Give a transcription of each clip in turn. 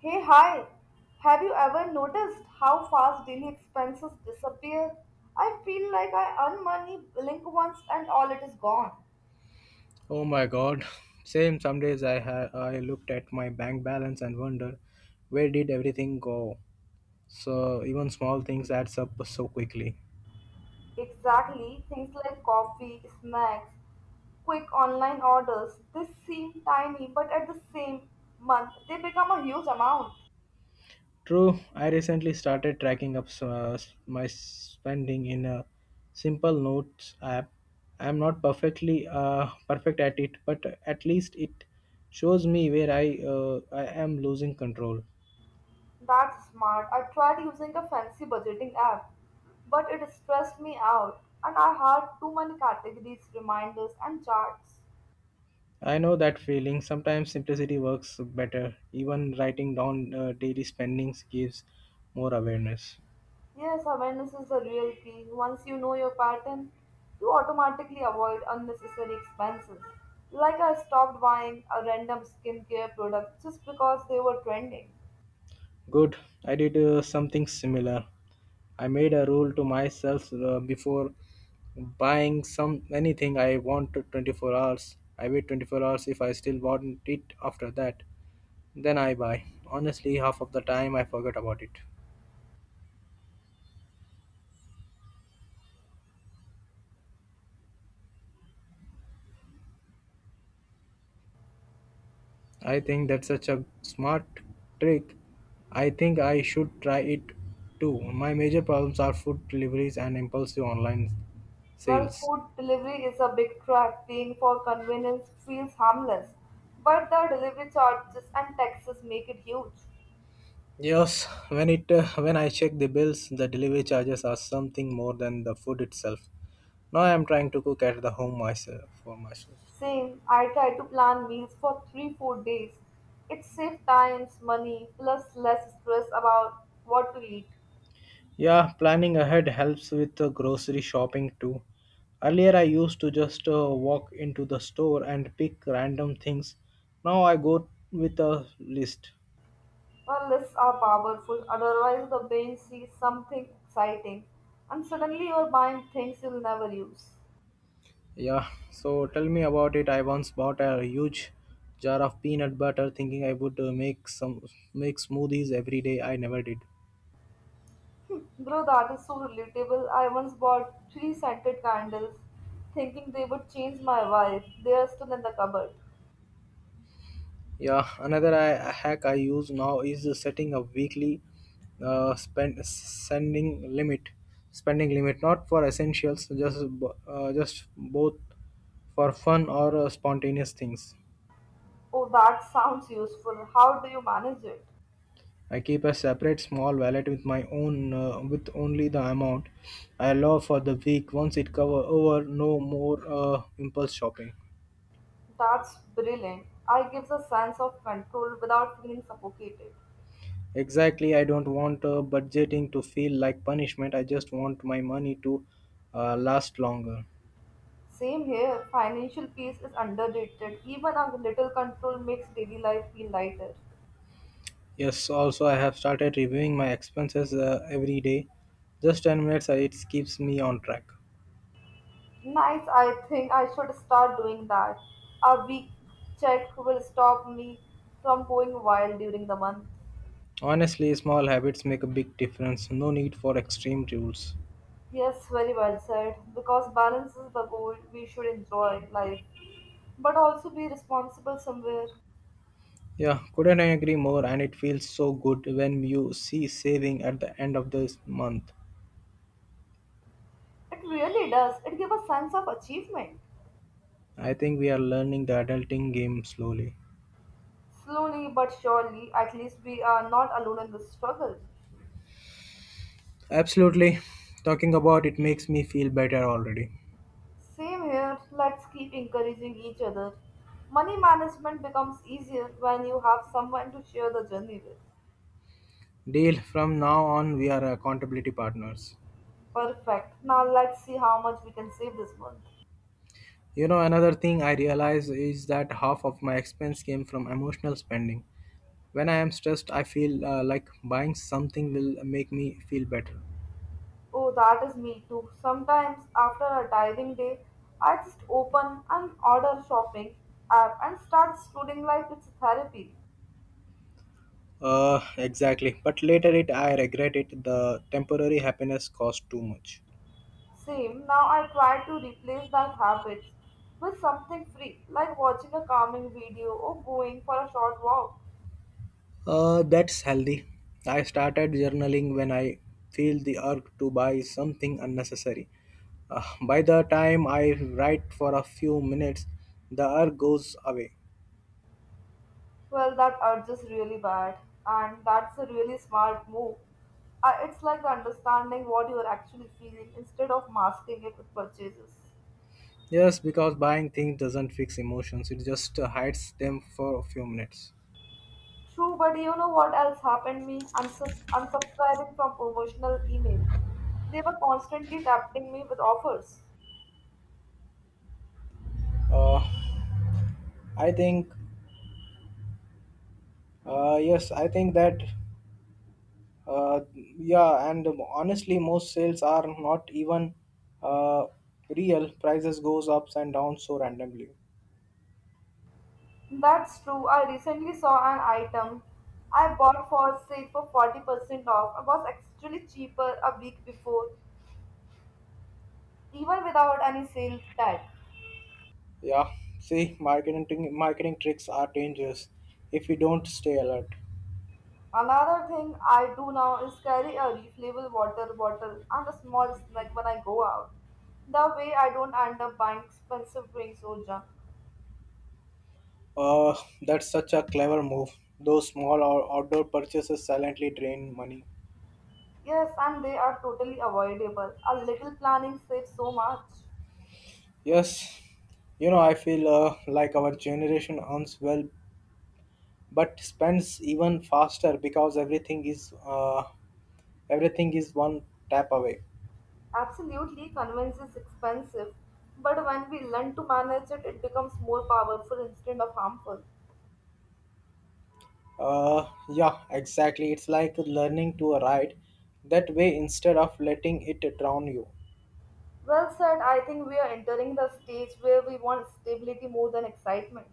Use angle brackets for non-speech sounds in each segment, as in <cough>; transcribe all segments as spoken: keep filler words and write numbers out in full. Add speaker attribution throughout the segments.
Speaker 1: Hey, hi! Have you ever noticed how fast daily expenses disappear? I feel like I earn money, blink once, and all it is gone.
Speaker 2: Oh my god. <laughs> Same, some days I ha- I looked at my bank balance and wonder where did everything go. So even small things adds up so quickly.
Speaker 1: Exactly, things like coffee, snacks, quick online orders, they seem tiny, but at the same month, they become a huge amount.
Speaker 2: True, I recently started tracking up uh, my spending in a simple notes app. I'm not perfectly uh, perfect at it, but at least it shows me where I uh, I am losing control.
Speaker 1: That's smart. I tried using a fancy budgeting app, but it stressed me out, and I had too many categories, reminders, and charts.
Speaker 2: I know that feeling. Sometimes simplicity works better. Even writing down uh, daily spendings gives more awareness.
Speaker 1: Yes, awareness is the real key. Once you know your pattern, you automatically avoid unnecessary expenses. Like I stopped buying a random skincare product just because they were trending.
Speaker 2: Good. I did uh, something similar. I made a rule to myself uh, before buying some anything I want to twenty-four hours. I wait twenty-four hours if I still want it after that. Then I buy. Honestly, half of the time I forget about it. I think that's such a smart trick. I think I should try it too. My major problems are food deliveries and impulsive online
Speaker 1: Well,
Speaker 2: sales.
Speaker 1: food delivery is a big trap. Paying for convenience feels harmless, but the delivery charges and taxes make it huge.
Speaker 2: Yes, when it uh, when I check the bills, the delivery charges are something more than the food itself. Now I am trying to cook at the home myself for myself.
Speaker 1: Same, I try to plan meals for three four days. It saves times, money, plus less stress about what to eat.
Speaker 2: Yeah, planning ahead helps with the grocery shopping too. Earlier, I used to just uh, walk into the store and pick random things. Now I go with a list.
Speaker 1: Unless are powerful, otherwise the brain sees something exciting and suddenly you're buying things you'll never use.
Speaker 2: Yeah, so tell me about it. I once bought a huge jar of peanut butter thinking I would uh, make some make smoothies every day. I never did.
Speaker 1: Bro, that is so relatable. I once bought three scented candles thinking they would change my wife. They are still in the cupboard.
Speaker 2: Yeah, another I, hack I use now is setting a weekly uh, spend sending limit, spending limit, not for essentials, just bo- uh, just both for fun or uh, spontaneous things.
Speaker 1: Oh, that sounds useful. How do you manage it?
Speaker 2: I keep a separate small wallet with my own uh, with only the amount I allow for the week. Once it cover over, no more uh, impulse shopping.
Speaker 1: That's brilliant. I gives a sense of control without feeling suffocated.
Speaker 2: Exactly, I don't want uh, budgeting to feel like punishment. I just want my money to uh, last longer.
Speaker 1: Same here, financial peace is underrated. Even a little control makes daily life feel lighter.
Speaker 2: Yes, also I have started reviewing my expenses uh, every day. Just ten minutes, uh, it keeps me on track.
Speaker 1: Nice, I think I should start doing that. A week check will stop me from going wild during the month.
Speaker 2: Honestly, small habits make a big difference. No need for extreme rules.
Speaker 1: Yes, very well said. Because balance is the goal, we should enjoy life, but also be responsible somewhere.
Speaker 2: Yeah, couldn't I agree more? And it feels so good when you see saving at the end of this month.
Speaker 1: It really does. It gives a sense of achievement.
Speaker 2: I think we are learning the adulting game slowly.
Speaker 1: Slowly but surely, at least we are not alone in this struggle.
Speaker 2: Absolutely. Talking about it makes me feel better already.
Speaker 1: Same here, let's keep encouraging each other. Money management becomes easier when you have someone to share the journey with.
Speaker 2: Deal, from now on, we are accountability partners.
Speaker 1: Perfect. Now let's see how much we can save this month.
Speaker 2: You know, another thing I realize is that half of my expense came from emotional spending. When I am stressed, I feel uh, like buying something will make me feel better.
Speaker 1: Oh, that is me too. Sometimes after a tiring day, I just open an order shopping app and start scrolling like it's therapy.
Speaker 2: Uh, exactly. But later it I regret it. The temporary happiness cost too much.
Speaker 1: Same, now I try to replace that habit with something free, like watching a calming video or going for a short walk.
Speaker 2: Uh, that's healthy. I started journaling when I feel the urge to buy something unnecessary. Uh, by the time I write for a few minutes, the urge goes away.
Speaker 1: Well, that urge is really bad, and that's a really smart move. Uh, it's like understanding what you're actually feeling instead of masking it with purchases.
Speaker 2: Yes, because buying things doesn't fix emotions, it just uh, hides them for a few minutes.
Speaker 1: True, but you know what else happened me? Unsub- unsubscribing from promotional emails. They were constantly tempting me with offers.
Speaker 2: Uh, I think, uh, yes, I think that Uh, yeah, and honestly, most sales are not even uh, real. Prices goes ups and downs so randomly.
Speaker 1: That's true. I recently saw an item I bought for sale for forty percent off. It was actually cheaper a week before, even without any sale tag.
Speaker 2: Yeah, see, marketing marketing tricks are dangerous if you don't stay alert.
Speaker 1: Another thing I do now is carry a refillable water bottle and a small snack when I go out. That way I don't end up buying expensive drinks or junk.
Speaker 2: Uh, that's such a clever move. Those small or outdoor purchases silently drain money.
Speaker 1: Yes, and they are totally avoidable. A little planning saves so much.
Speaker 2: Yes, you know, I feel uh, like our generation earns well, but spends even faster because everything is uh, everything is one tap away.
Speaker 1: Absolutely, convenience is expensive, but when we learn to manage it, it becomes more powerful instead of harmful.
Speaker 2: Uh, yeah, exactly. It's like learning to ride that way instead of letting it drown you.
Speaker 1: Well said, I think we are entering the stage where we want stability more than excitement.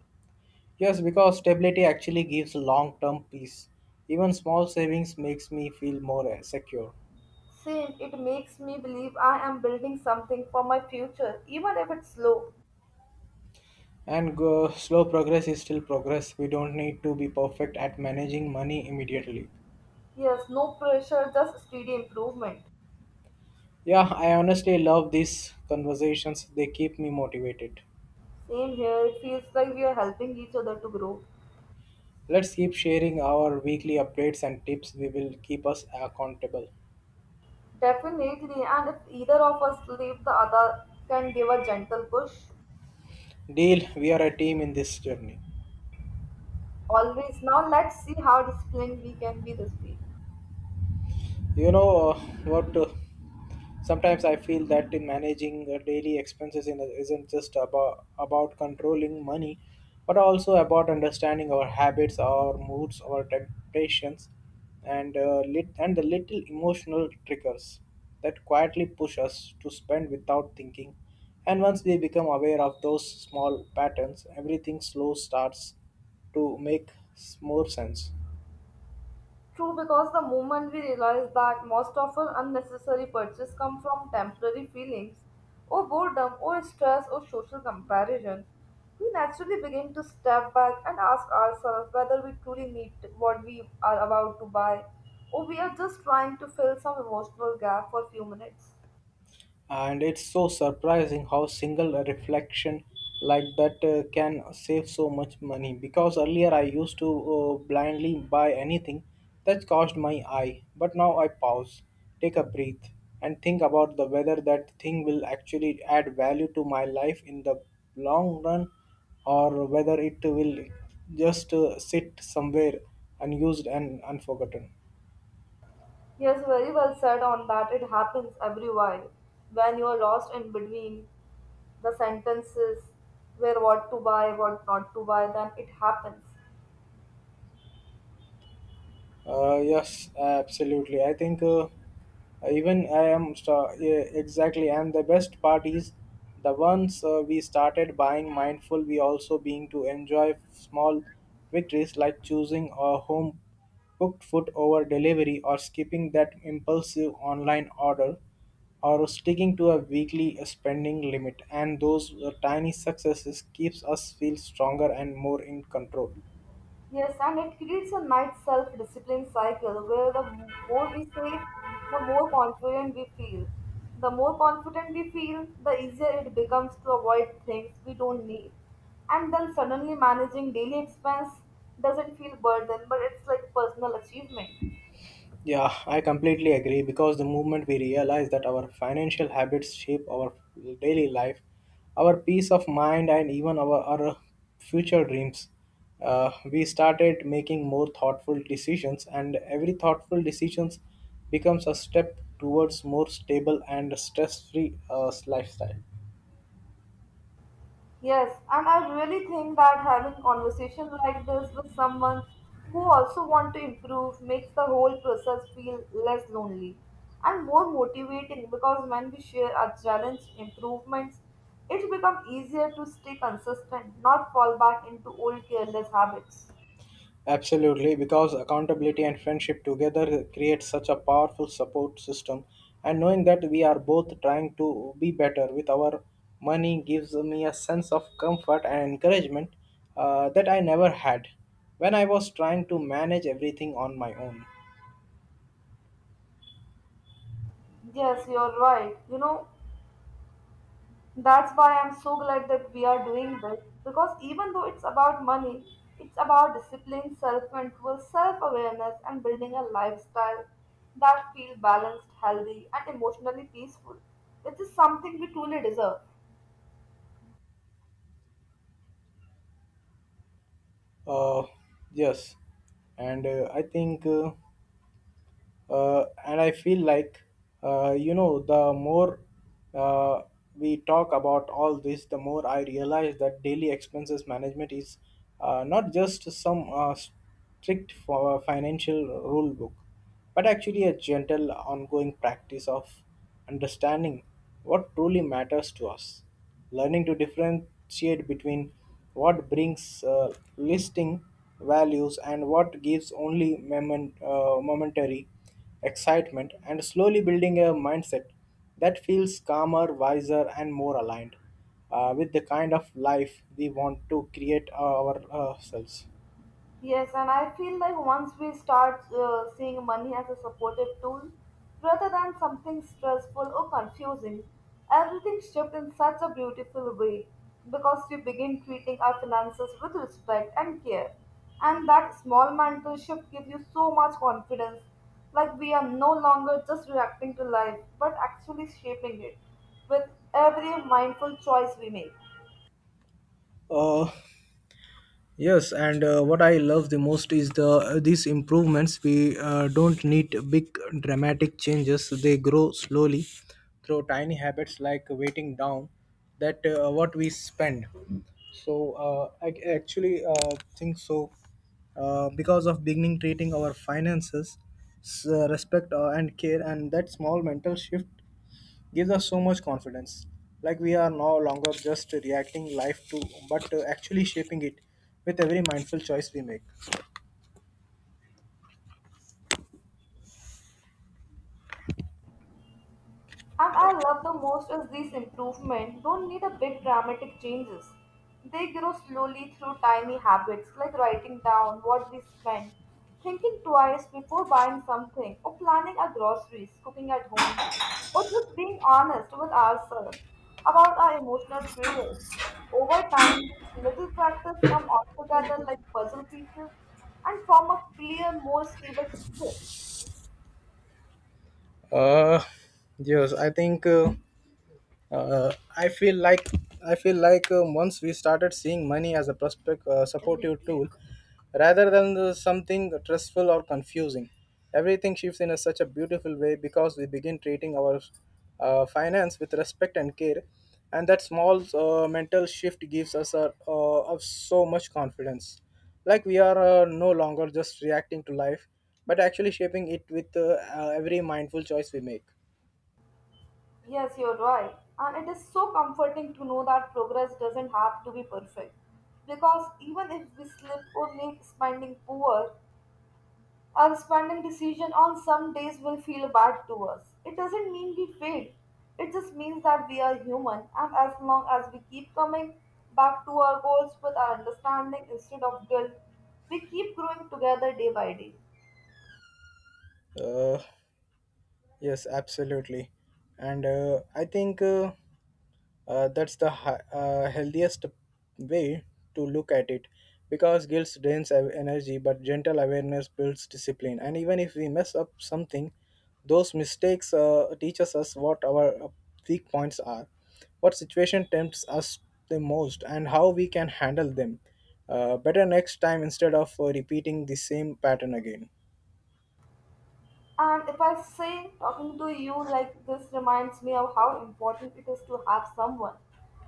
Speaker 2: Yes, because stability actually gives long-term peace. Even small savings makes me feel more uh, secure.
Speaker 1: Same. It makes me believe I am building something for my future, even if it's slow.
Speaker 2: And go, slow progress is still progress. We don't need to be perfect at managing money immediately.
Speaker 1: Yes, no pressure, just steady improvement.
Speaker 2: Yeah, I honestly love these conversations. They keep me motivated.
Speaker 1: Same here, it feels like we are helping each other to grow.
Speaker 2: Let's keep sharing our weekly updates and tips. We will keep us accountable.
Speaker 1: Definitely, and if either of us leave, the other can give a gentle push.
Speaker 2: Deal, we are a team in this journey.
Speaker 1: Always. Now, let's see how disciplined we can be this week.
Speaker 2: You know uh, what? Uh, sometimes I feel that in managing uh, daily expenses in, isn't just about, about controlling money, but also about understanding our habits, our moods, our temptations, and uh, lit- and the little emotional triggers that quietly push us to spend without thinking. And once we become aware of those small patterns, everything slow starts to make s- more sense.
Speaker 1: True, because the moment we realize that most of our unnecessary purchases come from temporary feelings, or boredom, or stress, or social comparison, we naturally begin to step back and ask ourselves whether we truly need what we are about to buy, or we are just trying to fill some emotional gap for a few minutes.
Speaker 2: And it's so surprising how single reflection like that uh, can save so much money, because earlier I used to uh, blindly buy anything that caused my eye, but now I pause, take a breath, and think about the whether that thing will actually add value to my life in the long run or whether it will just uh, sit somewhere unused and unforgotten.
Speaker 1: Yes, very well said on that. It happens every while when you are lost in between the sentences where what to buy, what not to buy, then it happens.
Speaker 2: Uh, yes, absolutely. I think uh, even I am sta- Yeah, exactly, and the best part is the ones uh, we started buying mindful. We also being to enjoy small victories like choosing a home cooked food over delivery, or skipping that impulsive online order, or sticking to a weekly spending limit, and those uh, tiny successes keeps us feel stronger and more in control.
Speaker 1: Yes, and it creates a nice self discipline cycle where the m- more we save, the more confident we feel. The more confident we feel, the easier it becomes to avoid things we don't need. And then suddenly managing daily expense doesn't feel burden, but it's like personal achievement.
Speaker 2: Yeah, I completely agree, because the moment we realize that our financial habits shape our daily life, our peace of mind, and even our, our future dreams, uh, we started making more thoughtful decisions, and every thoughtful decisions becomes a step towards more stable and stress-free uh, lifestyle.
Speaker 1: Yes, and I really think that having conversations like this with someone who also want to improve makes the whole process feel less lonely and more motivating because when we share our challenge improvements, it becomes easier to stay consistent, not fall back into old careless habits.
Speaker 2: Absolutely, because accountability and friendship together create such a powerful support system. And knowing that we are both trying to be better with our money gives me a sense of comfort and encouragement uh, that I never had when I was trying to manage everything on my own.
Speaker 1: Yes, you're right. You know, that's why I'm so glad that we are doing this because even though it's about money, it's about discipline, self control, self awareness, and building a lifestyle that feels balanced, healthy, and emotionally peaceful, which is something we truly deserve.
Speaker 2: Uh, yes, and uh, I think. Uh, uh, and I feel like uh, you know, the more uh, we talk about all this, the more I realize that daily expenses management is uh, not just some uh, strict for financial rule book, but actually a gentle, ongoing practice of understanding what truly matters to us, learning to differentiate between what brings uh, listing values and what gives only moment, uh, momentary excitement, and slowly building a mindset that feels calmer, wiser, and more aligned uh, with the kind of life we want to create uh, ourselves.
Speaker 1: Yes, and I feel like once we start uh, seeing money as a supportive tool rather than something stressful or confusing, everything shifts in such a beautiful way because we begin treating our finances with respect and care. And that small mental shift gives you so much confidence, like we are no longer just reacting to life but actually shaping it with every mindful choice we make.
Speaker 2: Uh, Yes, and uh, what I love the most is the uh, these improvements. We uh, don't need big dramatic changes. They grow slowly through tiny habits like waiting down that uh, what we spend. So uh, I c- actually uh, think so uh, because of beginning treating our finances s- uh, respect uh, and care, and that small mental shift gives us so much confidence. Like we are no longer just reacting life to, but uh, actually shaping it with every mindful choice we make.
Speaker 1: And I love the most is these improvements don't need a big dramatic changes. They grow slowly through tiny habits like writing down what we spend, thinking twice before buying something, or planning our groceries, cooking at home, or just being honest with ourselves about our emotional triggers. Over time, these little practice come all together like puzzle pieces and form a clear, more stable picture.
Speaker 2: Uh, yes, I think. Uh, Uh, I feel like I feel like uh, once we started seeing money as a prospect uh, supportive tool, rather than the something stressful or confusing, everything shifts in a, such a beautiful way because we begin treating our uh, finance with respect and care, and that small uh, mental shift gives us a, uh, of so much confidence. Like we are uh, no longer just reacting to life, but actually shaping it with uh, uh, every mindful choice we make.
Speaker 1: Yes, you're right. And it is so comforting to know that progress doesn't have to be perfect. Because even if we slip or make spending poor, our spending decision on some days will feel bad to us. It doesn't mean we failed. It just means that we are human and as long as we keep coming back to our goals with our understanding instead of guilt, we keep growing together day by day.
Speaker 2: Uh, Yes, absolutely. And uh, I think uh, uh, that's the hi- uh, healthiest way to look at it because guilt drains ev- energy, but gentle awareness builds discipline. And even if we mess up something, those mistakes uh, teaches us what our uh, weak points are, what situation tempts us the most, and how we can handle them uh, better next time instead of uh, repeating the same pattern again.
Speaker 1: And if I say talking to you like this reminds me of how important it is to have someone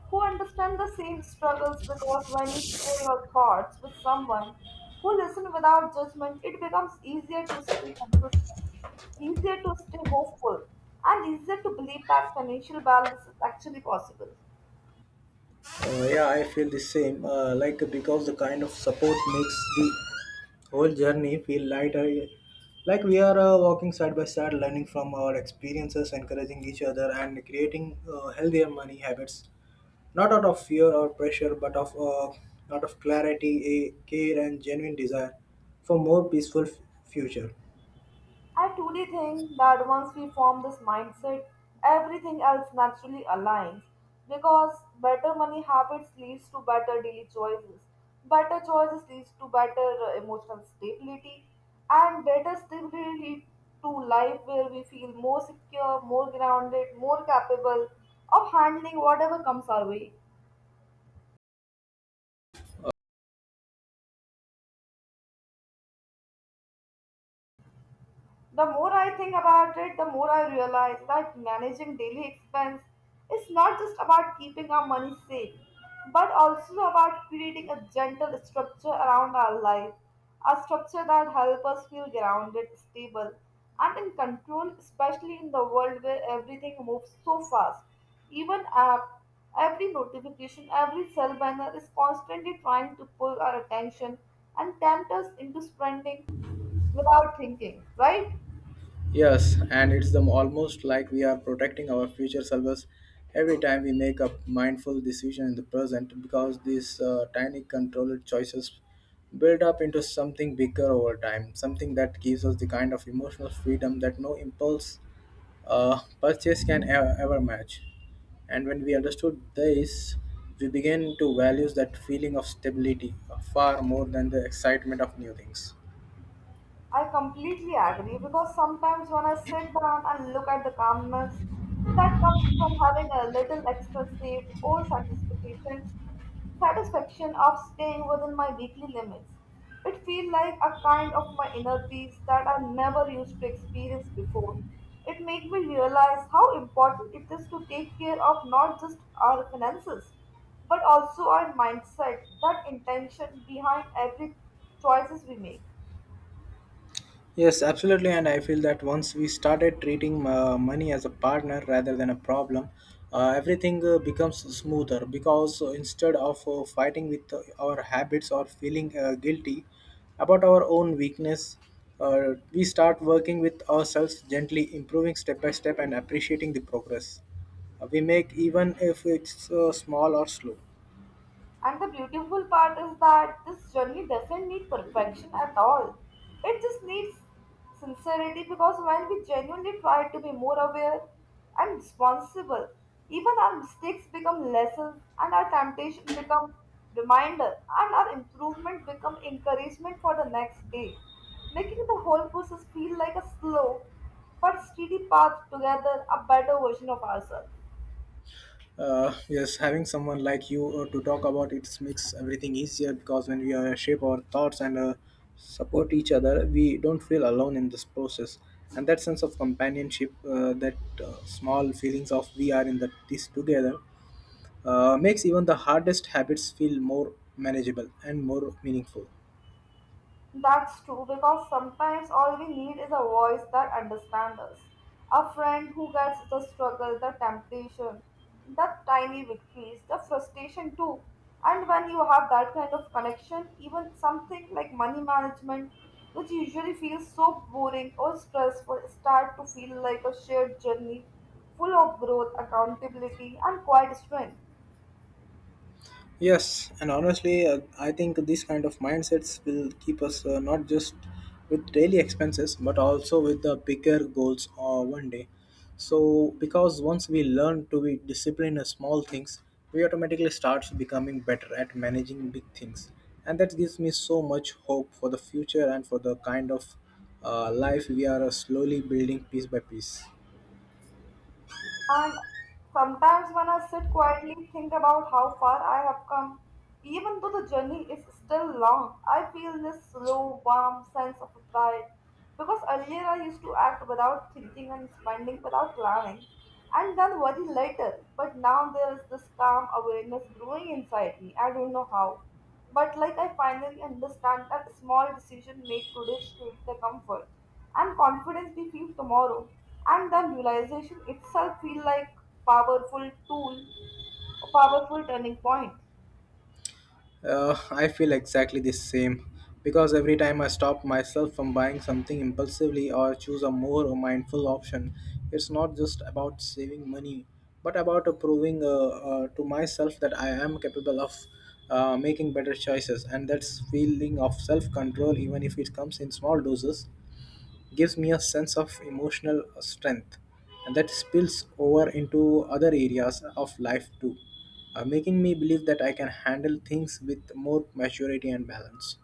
Speaker 1: who understands the same struggles because when you share your thoughts with someone who listens without judgment, it becomes easier to stay consistent, easier to stay hopeful, and easier to believe that financial balance is actually possible.
Speaker 2: Uh, yeah, I feel the same. Uh, like, because the kind of support makes the whole journey feel lighter. Like we are uh, walking side by side, learning from our experiences, encouraging each other, and creating uh, healthier money habits. Not out of fear or pressure, but of uh, out of clarity, a care, and genuine desire for more peaceful f- future.
Speaker 1: I truly think that once we form this mindset, everything else naturally aligns because better money habits leads to better daily choices. Better choices leads to better uh, emotional stability and better stability lead to life where we feel more secure, more grounded, more capable of handling whatever comes our way. The more I think about it, the more I realize that managing daily expense is not just about keeping our money safe, but also about creating a gentle structure around our life, a structure that helps us feel grounded, stable, and in control, especially in the world where everything moves so fast. Even app, every notification, every cell banner is constantly trying to pull our attention and tempt us into spending without thinking, right?
Speaker 2: Yes, and it's the, almost like we are protecting our future selves every time we make a mindful decision in the present, because these uh, tiny controlled choices build up into something bigger over time, something that gives us the kind of emotional freedom that no impulse uh, purchase can ever, ever match. And when we understood this, we began to value that feeling of stability uh, far more than the excitement of new things.
Speaker 1: I completely agree because sometimes when I sit down and look at the calmness that comes from having a little extra safe or satisfaction, satisfaction of staying within my weekly limits, it feels like a kind of my inner peace that I never used to experience before. It made me realize how important it is to take care of not just our finances, but also our mindset, that intention behind every choices we make.
Speaker 2: Yes, absolutely. And I feel that once we started treating uh, money as a partner rather than a problem, uh, everything uh, becomes smoother because uh, instead of uh, fighting with uh, our habits or feeling uh, guilty about our own weakness, uh, we start working with ourselves gently, improving step by step and appreciating the progress uh, we make, even if it's uh, small or slow.
Speaker 1: And the beautiful part is that this journey doesn't need perfection at all. It just needs sincerity because when we genuinely try to be more aware and responsible, even our mistakes become lessons and our temptation become reminder and our improvement become encouragement for the next day, making the whole process feel like a slow but steady path together a better version of ourselves.
Speaker 2: Uh, yes, having someone like you uh, to talk about it makes everything easier because when we uh, shape our thoughts and uh, support each other, we don't feel alone in this process. And that sense of companionship, uh, that uh, small feelings of we are in the, this together, uh, makes even the hardest habits feel more manageable and more meaningful.
Speaker 1: That's true because sometimes all we need is a voice that understands us. A friend who gets the struggle, the temptation, the tiny victories, the frustration too. And when you have that kind of connection, even something like money management, which usually feels so boring or stressful, start to feel like a shared journey full of growth, accountability, and quiet strength.
Speaker 2: Yes, and honestly, uh, I think these kind of mindsets will keep us uh, not just with daily expenses but also with the bigger goals uh, one day. So, because once we learn to be disciplined in small things, we automatically start becoming better at managing big things, and that gives me so much hope for the future and for the kind of uh, life we are uh, slowly building piece by piece.
Speaker 1: And sometimes when I sit quietly, think about how far I have come, even though the journey is still long, I feel this slow, warm sense of pride. Because earlier I used to act without thinking and spending without planning, and then worry later. But now there is this calm awareness growing inside me. I don't know how. But like I finally understand that small decision made today shape the comfort and confidence we feel tomorrow. And the realization itself feel like powerful tool, a powerful turning point.
Speaker 2: Uh, I feel exactly the same because every time I stop myself from buying something impulsively or choose a more mindful option, it's not just about saving money but about uh, proving uh, uh, to myself that I am capable of uh, making better choices, and that's feeling of self control, even if it comes in small doses, gives me a sense of emotional strength and that spills over into other areas of life too, uh, making me believe that I can handle things with more maturity and balance.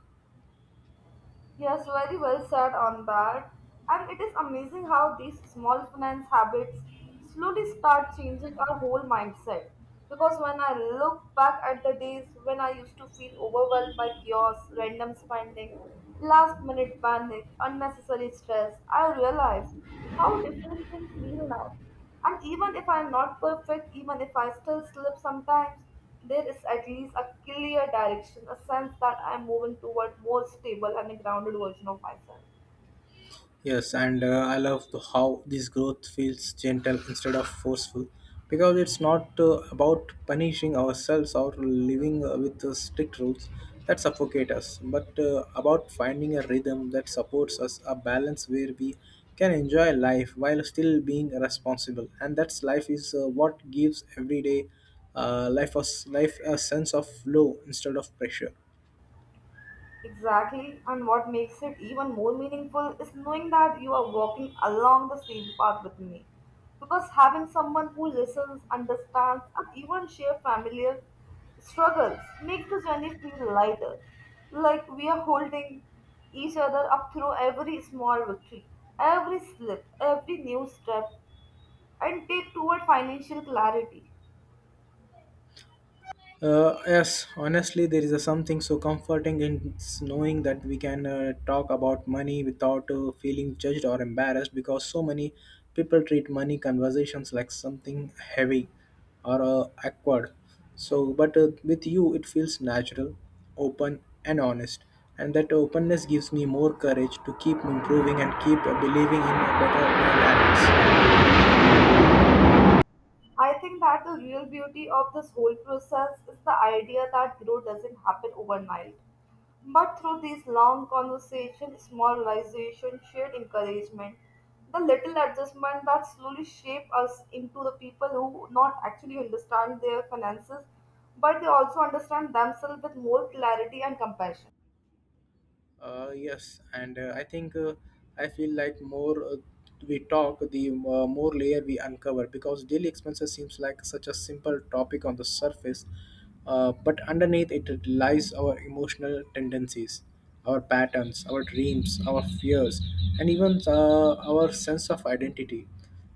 Speaker 1: Yes, very well said on that. And it is amazing how these small finance habits slowly start changing our whole mindset. Because when I look back at the days when I used to feel overwhelmed by chaos, random spending, last minute panic, unnecessary stress, I realize how different things feel now. And even if I'm not perfect, even if I still slip sometimes, there is at least a clear direction, a sense that I'm moving toward more stable and a grounded version of myself.
Speaker 2: Yes, and uh, I love the- how this growth feels gentle instead of forceful because it's not uh, about punishing ourselves or living uh, with uh, strict rules that suffocate us, but uh, about finding a rhythm that supports us, a balance where we can enjoy life while still being responsible. And that's life is uh, what gives everyday uh, life, a, life a sense of flow instead of pressure.
Speaker 1: Exactly, and what makes it even more meaningful is knowing that you are walking along the same path with me. Because having someone who listens, understands, and even shares familiar struggles makes the journey feel lighter. Like we are holding each other up through every small victory, every slip, every new step, and take toward financial clarity.
Speaker 2: Uh, yes, honestly, there is a something so comforting in s- knowing that we can uh, talk about money without uh, feeling judged or embarrassed because so many people treat money conversations like something heavy or uh, awkward. So, but uh, with you, it feels natural, open, and honest. And that openness gives me more courage to keep improving and keep uh, believing in a better life.
Speaker 1: I think that the real beauty of this whole process is the idea that growth doesn't happen overnight. But through these long conversations, small realizations, shared encouragement, the little adjustment that slowly shape us into the people who not actually understand their finances, but they also understand themselves with more clarity and compassion.
Speaker 2: Uh, yes, and uh, I think uh, I feel like more uh, we talk, the uh, more layer we uncover because daily expenses seems like such a simple topic on the surface, uh, but underneath it lies our emotional tendencies, our patterns, our dreams, our fears, and even uh, our sense of identity.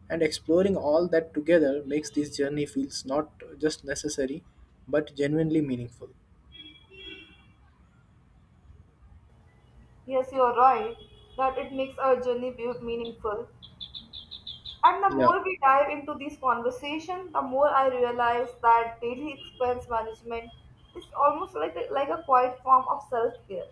Speaker 2: And exploring all that together makes this journey feels not just necessary, but genuinely meaningful.
Speaker 1: Yes, you are right that it makes our journey be meaningful. And the
Speaker 2: Yeah.
Speaker 1: more we dive into these conversation, the more I realize that daily expense management is almost like a, like a quiet form of self care.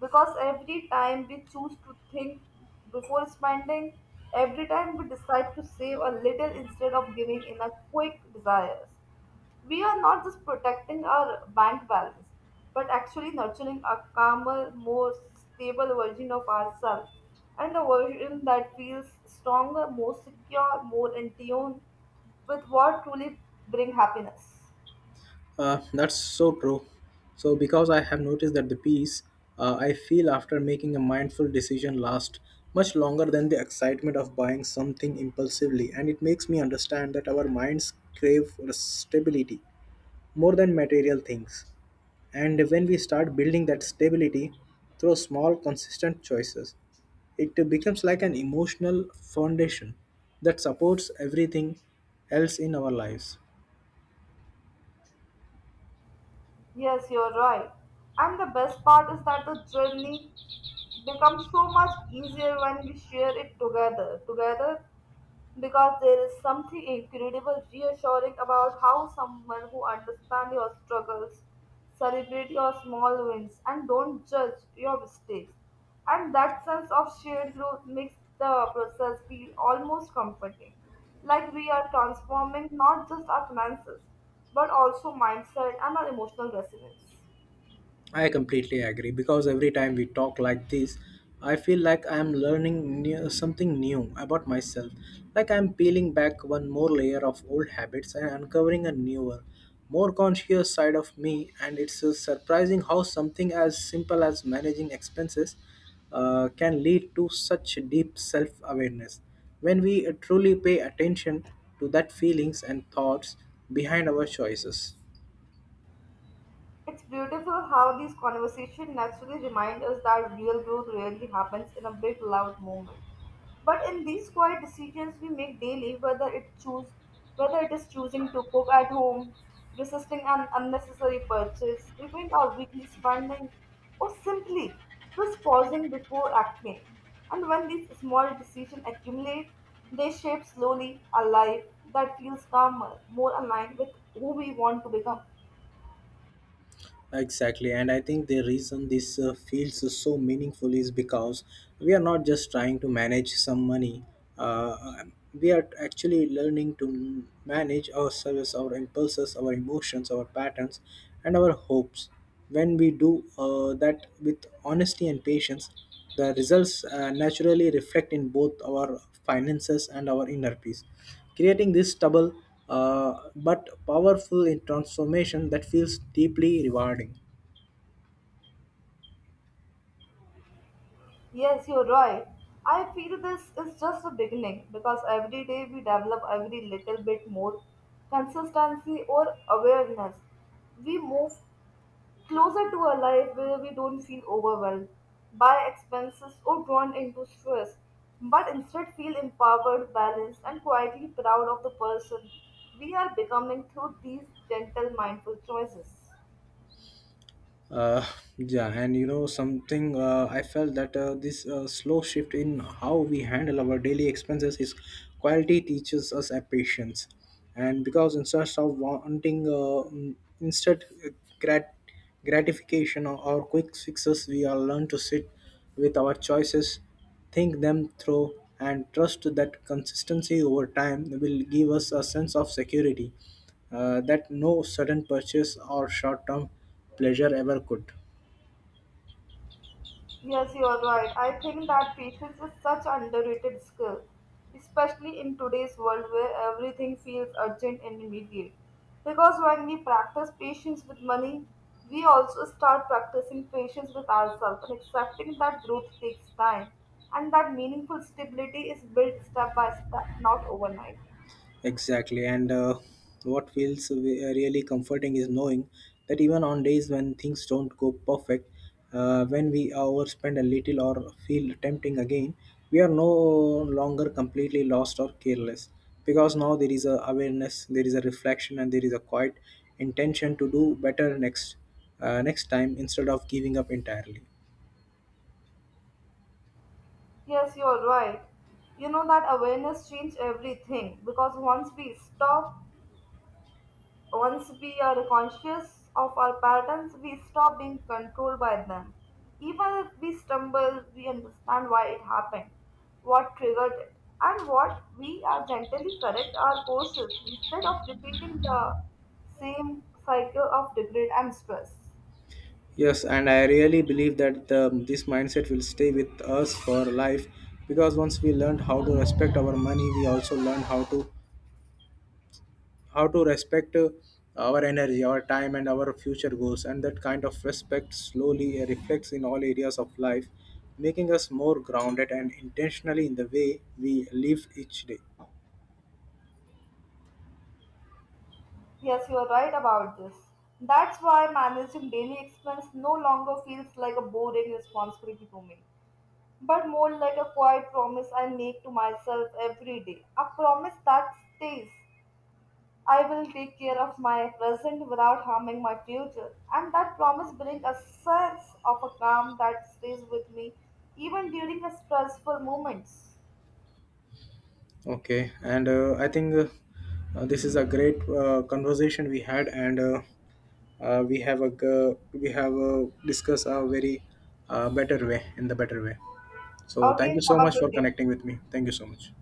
Speaker 1: Because every time we choose to think before spending, every time we decide to save a little instead of giving in a quick desires, we are not just protecting our bank balance, but actually nurturing a calmer, more stable version of ourselves and a version that feels stronger, more secure, more in tune with what truly bring happiness.
Speaker 2: Uh, that's so true. So, because I have noticed that the peace uh, I feel after making a mindful decision lasts much longer than the excitement of buying something impulsively, and it makes me understand that our minds crave for stability more than material things. And when we start building that stability through small, consistent choices, it becomes like an emotional foundation that supports everything else in our lives.
Speaker 1: Yes, you're right. And the best part is that the journey becomes so much easier when we share it together. Together because there is something incredible reassuring about how someone who understands your struggles celebrate your small wins and don't judge your mistakes, and that sense of shared growth makes the process feel almost comforting, like we are transforming not just our finances but also mindset and our emotional resilience.
Speaker 2: I completely agree because every time we talk like this, I feel like I am learning new, something new about myself. Like I am peeling back one more layer of old habits and uncovering a newer, more conscious side of me. And it's uh, surprising how something as simple as managing expenses uh, can lead to such deep self awareness. When we uh, truly pay attention to that feelings and thoughts behind our choices.
Speaker 1: It's beautiful how these conversations naturally remind us that real growth rarely happens in a big loud moment. But in these quiet decisions we make daily, whether it choose whether it is choosing to cook at home, resisting an unnecessary purchase, reviewing our weekly spending, or simply just pausing before acting. And when these small decisions accumulate, they shape slowly a life that feels calmer, more aligned with who we want to become.
Speaker 2: Exactly, and I think the reason this uh, feels so meaningful is because we are not just trying to manage some money. Uh, um, we are actually learning to manage our service, our impulses, our emotions, our patterns, and our hopes. When we do uh, that with honesty and patience, the results uh, naturally reflect in both our finances and our inner peace, creating this double uh, but powerful in transformation that feels deeply rewarding.
Speaker 1: Yes, you're right. I feel this is just the beginning because every day we develop every little bit more consistency or awareness. We move closer to a life where we don't feel overwhelmed by expenses or drawn into stress, but instead feel empowered, balanced, and quietly proud of the person we are becoming through these gentle, mindful choices.
Speaker 2: Uh, yeah, and you know something, uh, I felt that uh, this uh, slow shift in how we handle our daily expenses is quality teaches us a patience, and because instead of wanting uh, mm, instant grat- gratification or, or quick fixes, we are learn to sit with our choices, think them through, and trust that consistency over time will give us a sense of security uh, that no sudden purchase or short term pleasure ever could.
Speaker 1: Yes, you are right. I think that patience is such underrated skill, especially in today's world where everything feels urgent and immediate. Because when we practice patience with money, we also start practicing patience with ourselves and accepting that growth takes time and that meaningful stability is built step by step, not overnight.
Speaker 2: Exactly. And uh, what feels we- uh, really comforting is knowing that even on days when things don't go perfect, uh, when we overspend a little or feel tempting again, we are no longer completely lost or careless because now there is a awareness, there is a reflection, and there is a quiet intention to do better next uh, next time instead of giving up entirely.
Speaker 1: Yes, you're right. You know that awareness changes everything because once we stop once we are conscious of our patterns, we stop being controlled by them. Even if we stumble, we understand why it happened, what triggered it, and what we are gently correct our courses instead of repeating the same cycle of regret and stress.
Speaker 2: Yes, and I really believe that the, this mindset will stay with us for life because once we learned how to respect our money, we also learn how to how to respect uh, our energy, our time, and our future goals. And that kind of respect slowly uh, reflects in all areas of life, making us more grounded and intentionally in the way we live each day.
Speaker 1: Yes, you are right about this. That's why managing daily expense no longer feels like a boring responsibility to me, but more like a quiet promise I make to myself every day. A promise that stays. I will take care of my present without harming my future. And that promise brings a sense of a calm that stays with me even during the stressful moments.
Speaker 2: Okay, and uh, I think uh, uh, this is a great uh, conversation we had, and. Uh, uh, we have a g- we have a discuss a very uh, better way in the better way, so thank you
Speaker 1: Okay,
Speaker 2: so
Speaker 1: have a
Speaker 2: much for
Speaker 1: good day.
Speaker 2: connecting with me. Thank you so much.